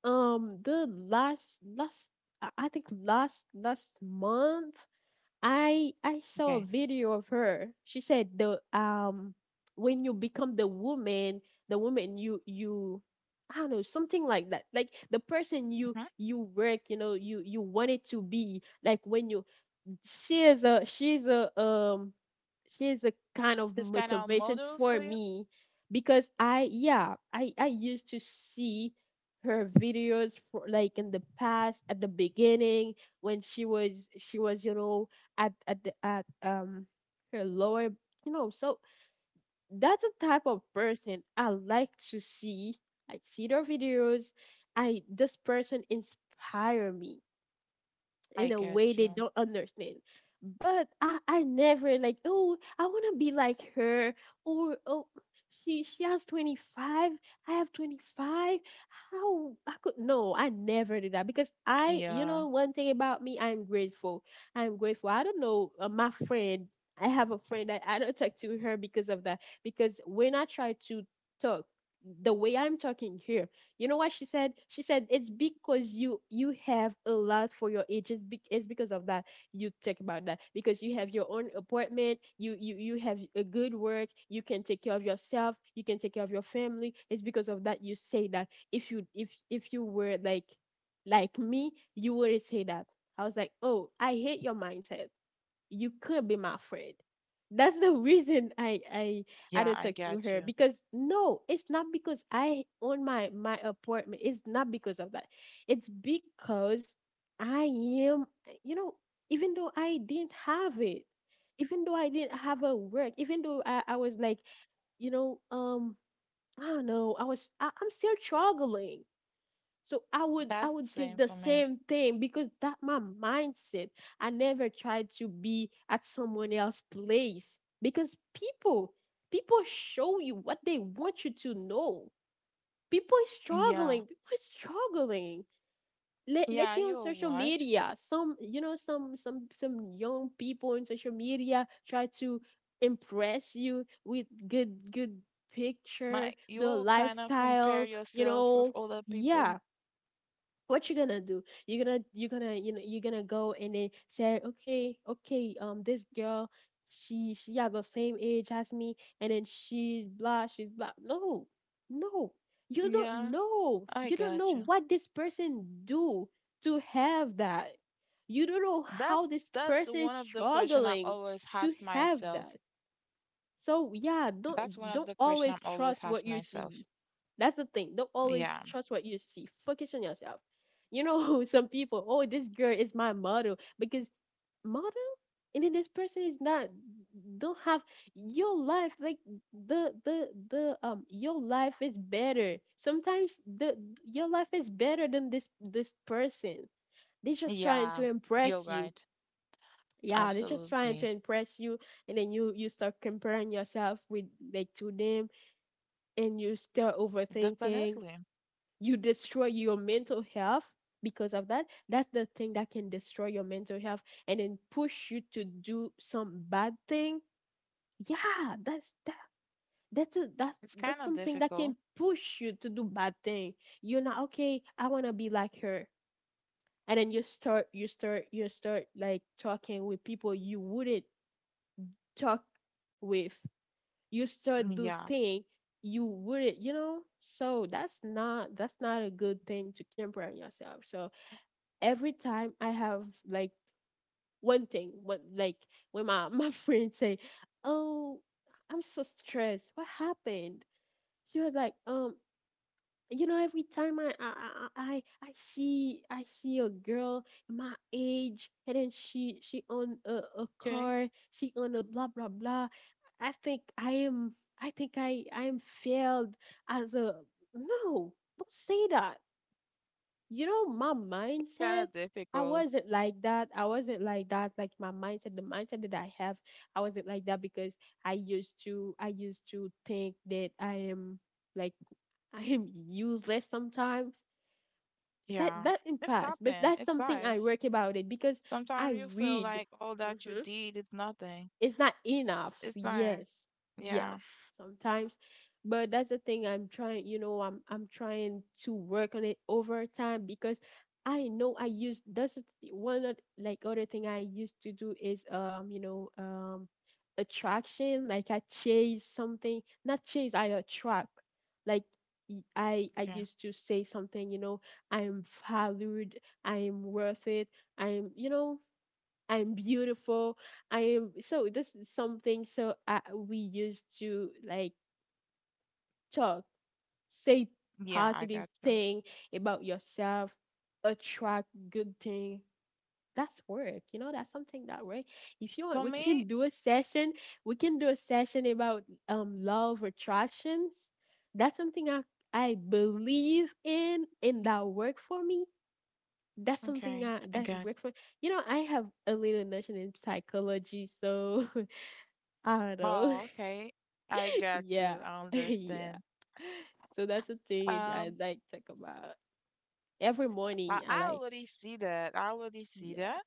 The last last I think last last month, I saw a okay. video of her. She said, the when you become the woman you, I don't know, something like that. Like the person hmm you work, you know, you wanted to be like, when you, she is a, she is a kind of This kind of motivation models for for you? me, because I yeah, I used to see her videos, for like in the past, at the beginning, when she was, you know, at her lower, you know, so that's the type of person I like to see. I see their videos. I This person inspire me in I a get way they you. don't understand. But I never like, oh, I wanna be like her, or oh, she has 25, I have 25. How I could no, I never did that, because I, you Yeah, know, one thing about me, I'm grateful. I'm grateful. I don't know, my friend. I have a friend that I don't talk to her because of that. Because when I try to talk the way I'm talking here, you know what she said? She said it's because you have a lot for your age. It's because of that you talk about that, because you have your own apartment. You have a good work. You can take care of yourself. You can take care of your family. It's because of that you say that. If you were like me, you wouldn't say that. I was like, oh, I hate your mindset, you could be my friend. That's the reason I yeah, don't I talk to get her you. because no, it's not because I own my apartment. It's not because of that. It's because I am, you know, even though I didn't have it, even though I didn't have a work, even though I was like, you know um I don't know, I'm still struggling. So I would I That's the would think same the for me. same thing because that my mindset. I never tried to be at someone else's place because people show you what they want you to know. People is Yeah, struggling. People is struggling. Let's yeah, say on you're social right. media, some, you know, some young people on social media try to impress you with good picture, Like the you kind of compare lifestyle, you yourself with know. other Yeah, people. what you gonna do? You're gonna you know, you're gonna go and then say okay, this girl, she has the same age as me and then she's blah, she's blah. No, no, you don't Yeah, know. I You don't got know you. what this person do to have that. You don't know how That's this that's person is one of the question I struggling always to ask have myself. that. So yeah, That's one don't of don't the question always I'm always trust what ask you myself. see. That's the thing. Don't always Yeah. trust what you see. Focus on yourself. You know, some people, oh, this girl is my model because model, and then this person is not. Don't have your life like the your life is better. Sometimes the your life is better than this person. They're just trying Yeah, to you're impress you, right. yeah, they're just trying to Absolutely. impress you, and then you start comparing yourself with, like, to them, and you start overthinking. Definitely. You destroy your mental health because of that. That's the thing that can destroy your mental health and then push you to do some bad thing. Yeah, that's that, that's It's kind that's of something that can difficult. push you to do bad thing. You're not okay, I want to be like her, and then you start like talking with people you wouldn't talk with, you start Mm, do yeah. thing you wouldn't, you know. So that's not, that's not a good thing to camper on yourself. So every time I have like one thing what, like, when my my friends say, oh, I'm so stressed, what happened? She was like, you know, every time I see, I see a girl my age, and then she own a Okay. car, she own a blah blah blah, I think I am, I think I am failed as a, no, don't say that. You know my Kind mindset. of I difficult. wasn't like that. I wasn't like that. Like my mindset, the mindset that I have, I wasn't like that because I used to think that I am, like, I am useless sometimes. It's like Yeah. that in It's past, but happened. that's It's something I life. work about it because I Sometimes you feel read. like all that you Mhm. did is nothing. It's not enough. It's life. Yes. Yeah. Yeah. Sometimes. But that's the thing I'm trying, you know, I'm trying to work on it over time because I know I used, that's the th- one of, like, other thing I used to do is, attraction. Like I chase something, not chase, I attract. Like, I Okay. used to say something, you know, I'm valued, I'm worth it, I'm, you know, I'm beautiful. I am, so this is something, so we used to like talk, say Yeah, I positive got you. thing about yourself, attract good thing. That's work, you know. That's something that work. If you want, For we can me, do a session. We can do a session about love attractions. That's something I believe in, and that work for me. That's something okay, I, I that got you. worked for, you know, I have a little notion in psychology, so I don't know. Oh, okay. I got Yeah. you. I Yeah, understand. so that's the thing I Um, like talk about every I, morning. I I like, already see that. I already see yeah, that.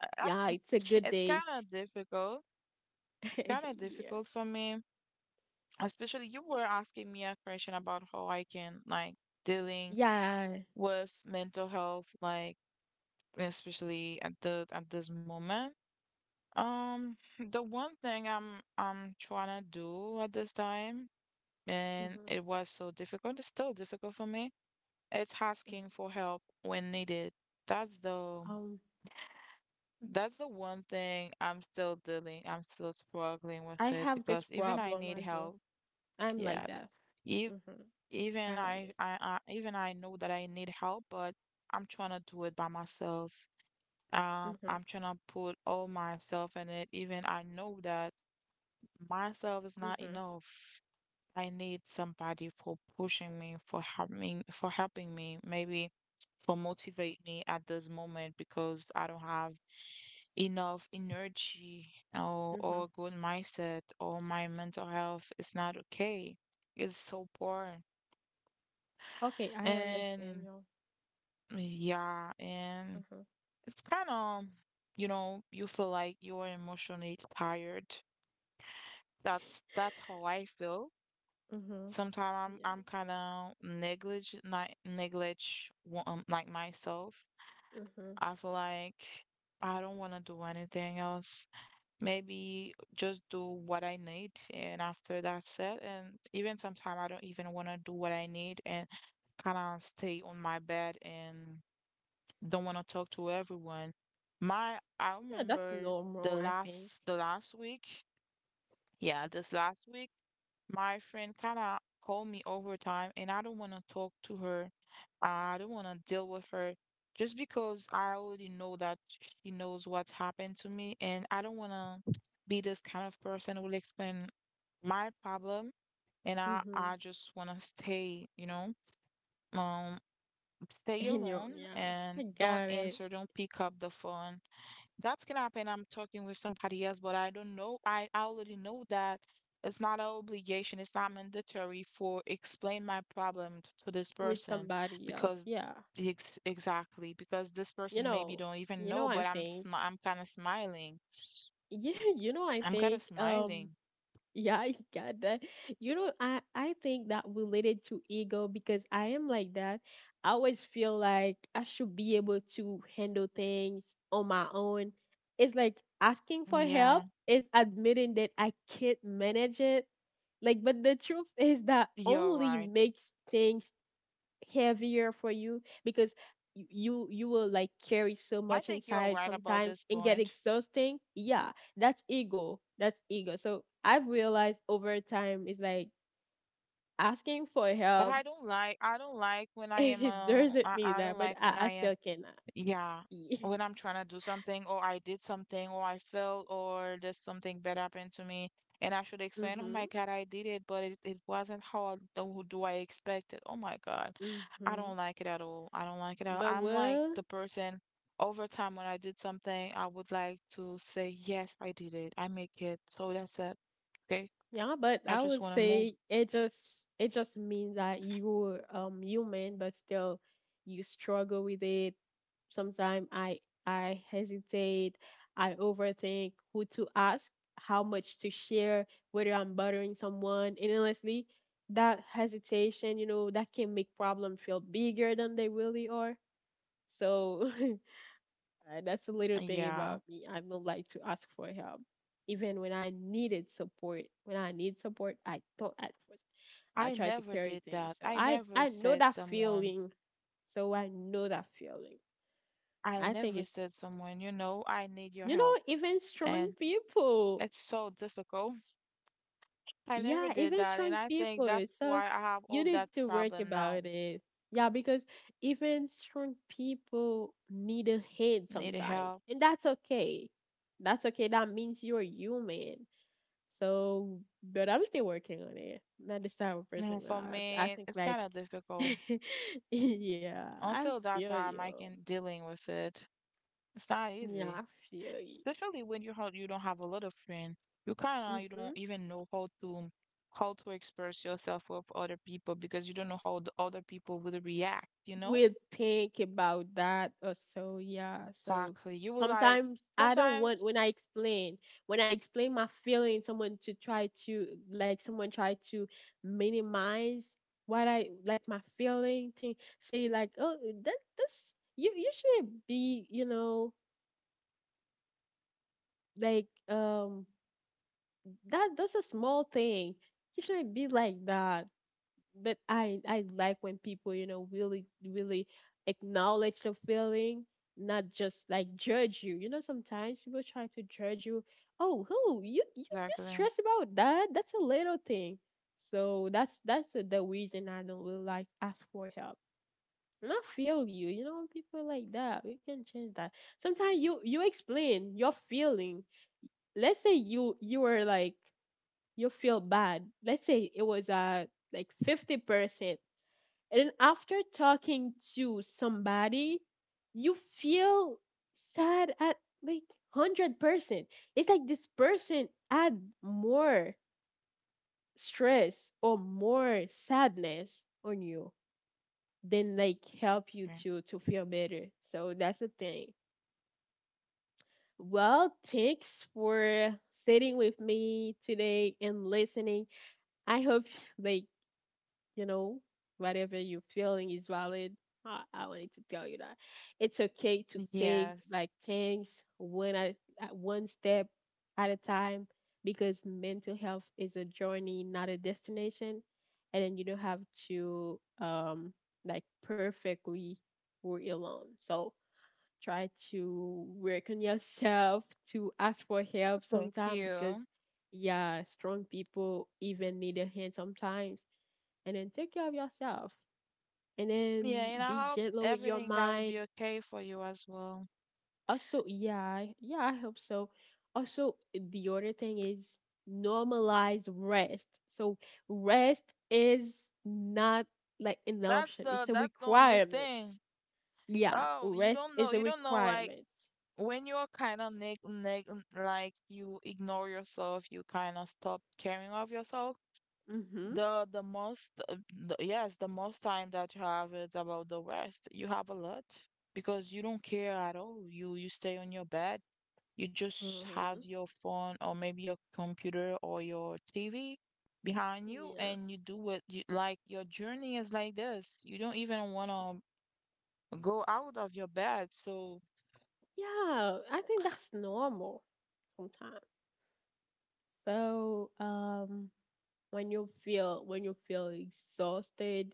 Uh, yeah, it's a good It's day. kind of difficult. It's kind of Yeah. difficult for me, especially you were asking me a question about how I can like dealing Yeah. with mental health, like especially at the at this moment. The one thing I'm trying to do at this time, and Hmm. it was so difficult. It's still difficult for me. It's asking for help when needed. That's the Um, That's the one thing I'm still dealing, I'm still struggling I with it have this because even I problem need as well. help. I'm like Yes. that. Ev Mm-hmm. I even understand. I even I know that I need help, but I'm trying to do it by myself. Mm-hmm. I'm trying to put all myself in it. Even I know that myself is not Mm-hmm. enough. I need somebody for pushing me, for helping me, maybe for motivate me at this moment because I don't have enough energy Mm-hmm. or good mindset or my mental health is not okay. It's so poor. Okay, I understand And y'all. yeah, and Mm-hmm. it's kind of, you know, you feel like you're emotionally tired. That's that's how I feel. Mm-hmm. Sometimes I'm Yeah. I'm kind of neglect, like myself. Mm-hmm. I feel like I don't want to do anything else. Maybe just do what I need, and after that's it. And even sometimes I don't even want to do what I need and kind of stay on my bed and don't want to talk to everyone. My, I Yeah, that's remember normal, I think. The last week. Yeah, this last week. My friend kind of called me over time, and I don't want to talk to her. I don't want to deal with her just because I already know that she knows what's happened to me, and I don't want to be this kind of person who will explain my problem. And Mm-hmm. I just want to stay, you know. Um, stay And you, alone yeah, I and don't got it answer, don't pick up the phone. That can happen. I'm talking with somebody else, but I don't know. I already know that it's not an obligation, it's not mandatory for explain my problem to this with person somebody else. because Yeah, exactly because this you person maybe know, don't even you know, know, I but think, I'm kind of smiling. yeah, you know, I I'm kind of think, smiling. yeah, I got that. You know, I think that related to ego because I am like that. I always feel like I should be able to handle things on my own. It's like asking for Yeah, help is admitting that I can't manage it. Like, but the truth is that you're only right. makes things heavier for you because you will like carry so I much think you're inside right about sometimes this and get point. exhausting, yeah, that's ego, that's ego. So I've realized over time is like asking for But help, I don't like when I am it doesn't mean I that, don't but like when I I am still cannot. yeah when I'm trying to do something or I did something or I failed or there's something bad happened to me and I should explain, oh my Mm-hmm. God, I did it, but it wasn't how I, do do I expect it. Oh my God, I Mm-hmm. don't like it at all. I don't like it at all. But I'm like well, the person over time when I did something I would like to say yes I did it I make it, so that's it. Okay, yeah, but I I would just want to move, say it just, it just means that you're human, but still you struggle with it. Sometimes I hesitate, I overthink who to ask, how much to share, whether I'm bothering someone, and honestly, that hesitation, you know, that can make problem feel bigger than they really are. So that's the little thing yeah. about me. I don't like to ask for help. Even when I needed support, when I need support, I don't ask for. It. I I try to never carry did things. that. So I I never I know said that someone, feeling. So I know that feeling. I I think never said it's, someone, you know, I need your you know, help. even strong And people. it's so difficult. I never Yeah, did even that. And strong I think that's people. why So I have all you that need to work problem now. about it. Yeah, because even strong people need a hand Need sometimes, help. and that's okay. That's okay. That means you're human. So, but I'm still working on it. Not this type of person. And for I me, think it's like, kind of difficult. yeah, I Until that feel time, you. I can dealing with it. It's not Yeah, I easy. feel you. Especially when you how you don't have a lot of friends. You kind of you Mm-hmm. don't even know how to express yourself with other people because you don't know how the other people will react. You know We think about that or so. Yeah. So exactly. You will like sometimes I don't sometimes want when I explain, when I explain my feeling, someone to try to like, someone try to minimize what I, like, my feeling, to say like, oh, that this you, you should be you know, like, that, that's a small thing, you shouldn't be like that. But I like when people, you know, really acknowledge the feeling, not just like judge you. You know, sometimes people try to judge you, oh, who, you exactly. stressed about that, that's a little thing. So that's the reason I don't really like ask for help. And I feel you, you know, when people like that, we can change that. Sometimes you explain your feeling, let's say you were like, you feel bad, let's say it was like 50%, and then after talking to somebody, you feel sad at like 100%. It's like this person add more stress or more sadness on you than like help you Okay. To feel better. So that's the thing. Well, thanks for sitting with me today and listening. I hope, like, you know, whatever you're feeling is valid. I wanted to tell you that it's okay to take Yes. like things one at one step at a time, because mental health is a journey, not a destination. And then you don't have to like perfectly work alone. So try to work on yourself, to ask for help Thank sometimes because, you. yeah, strong people even need a hand sometimes. And then take care of yourself. And Yeah, then and be I hope gentle with your everything that will be mind. okay for you as well. Also, yeah, yeah, I hope so. Also, the other thing is normalize rest. So, rest is not like an option, it's a That's the only requirement. thing. Yeah, Oh, rest is a you don't know like requirement. when you're kind of like you ignore yourself, you kind of stop caring of yourself. The most yes, the most time that you have is about the rest. You have a lot because you don't care at all. You stay on your bed. You just Mm-hmm. have your phone or maybe your computer or your TV behind you, Yeah. and you do what you like. Your journey is like this. You don't even want to go out of your bed. So Yeah, I think that's normal sometimes. So, when you feel, when you feel exhausted,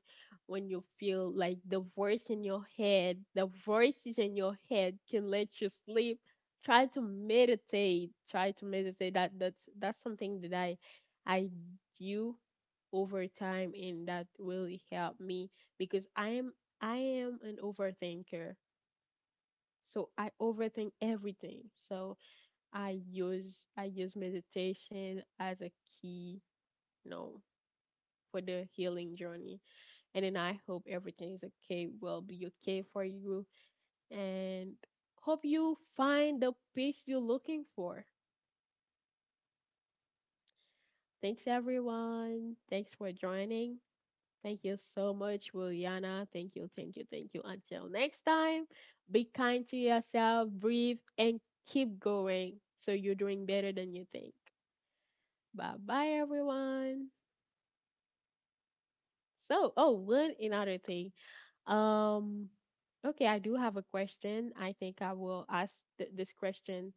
when you feel like the voice in your head, the voices in your head can let you sleep, try to meditate. Try to meditate. That that's something that I do over time, and that really helped me because I am an overthinker. So I overthink everything. I So got you. I use meditation as a key, you know, for the healing journey. And then I hope everything is okay, will be okay for you, and hope you find the peace I you're looking understand. for. Thanks everyone. Thanks for joining. Thank you so much, Juliana. Thank you. Until next time, be kind to yourself, breathe, and keep going, so you're doing better than you think. Bye bye, everyone. So, oh, one another thing. Um, okay, I do have a question. I think I will ask this question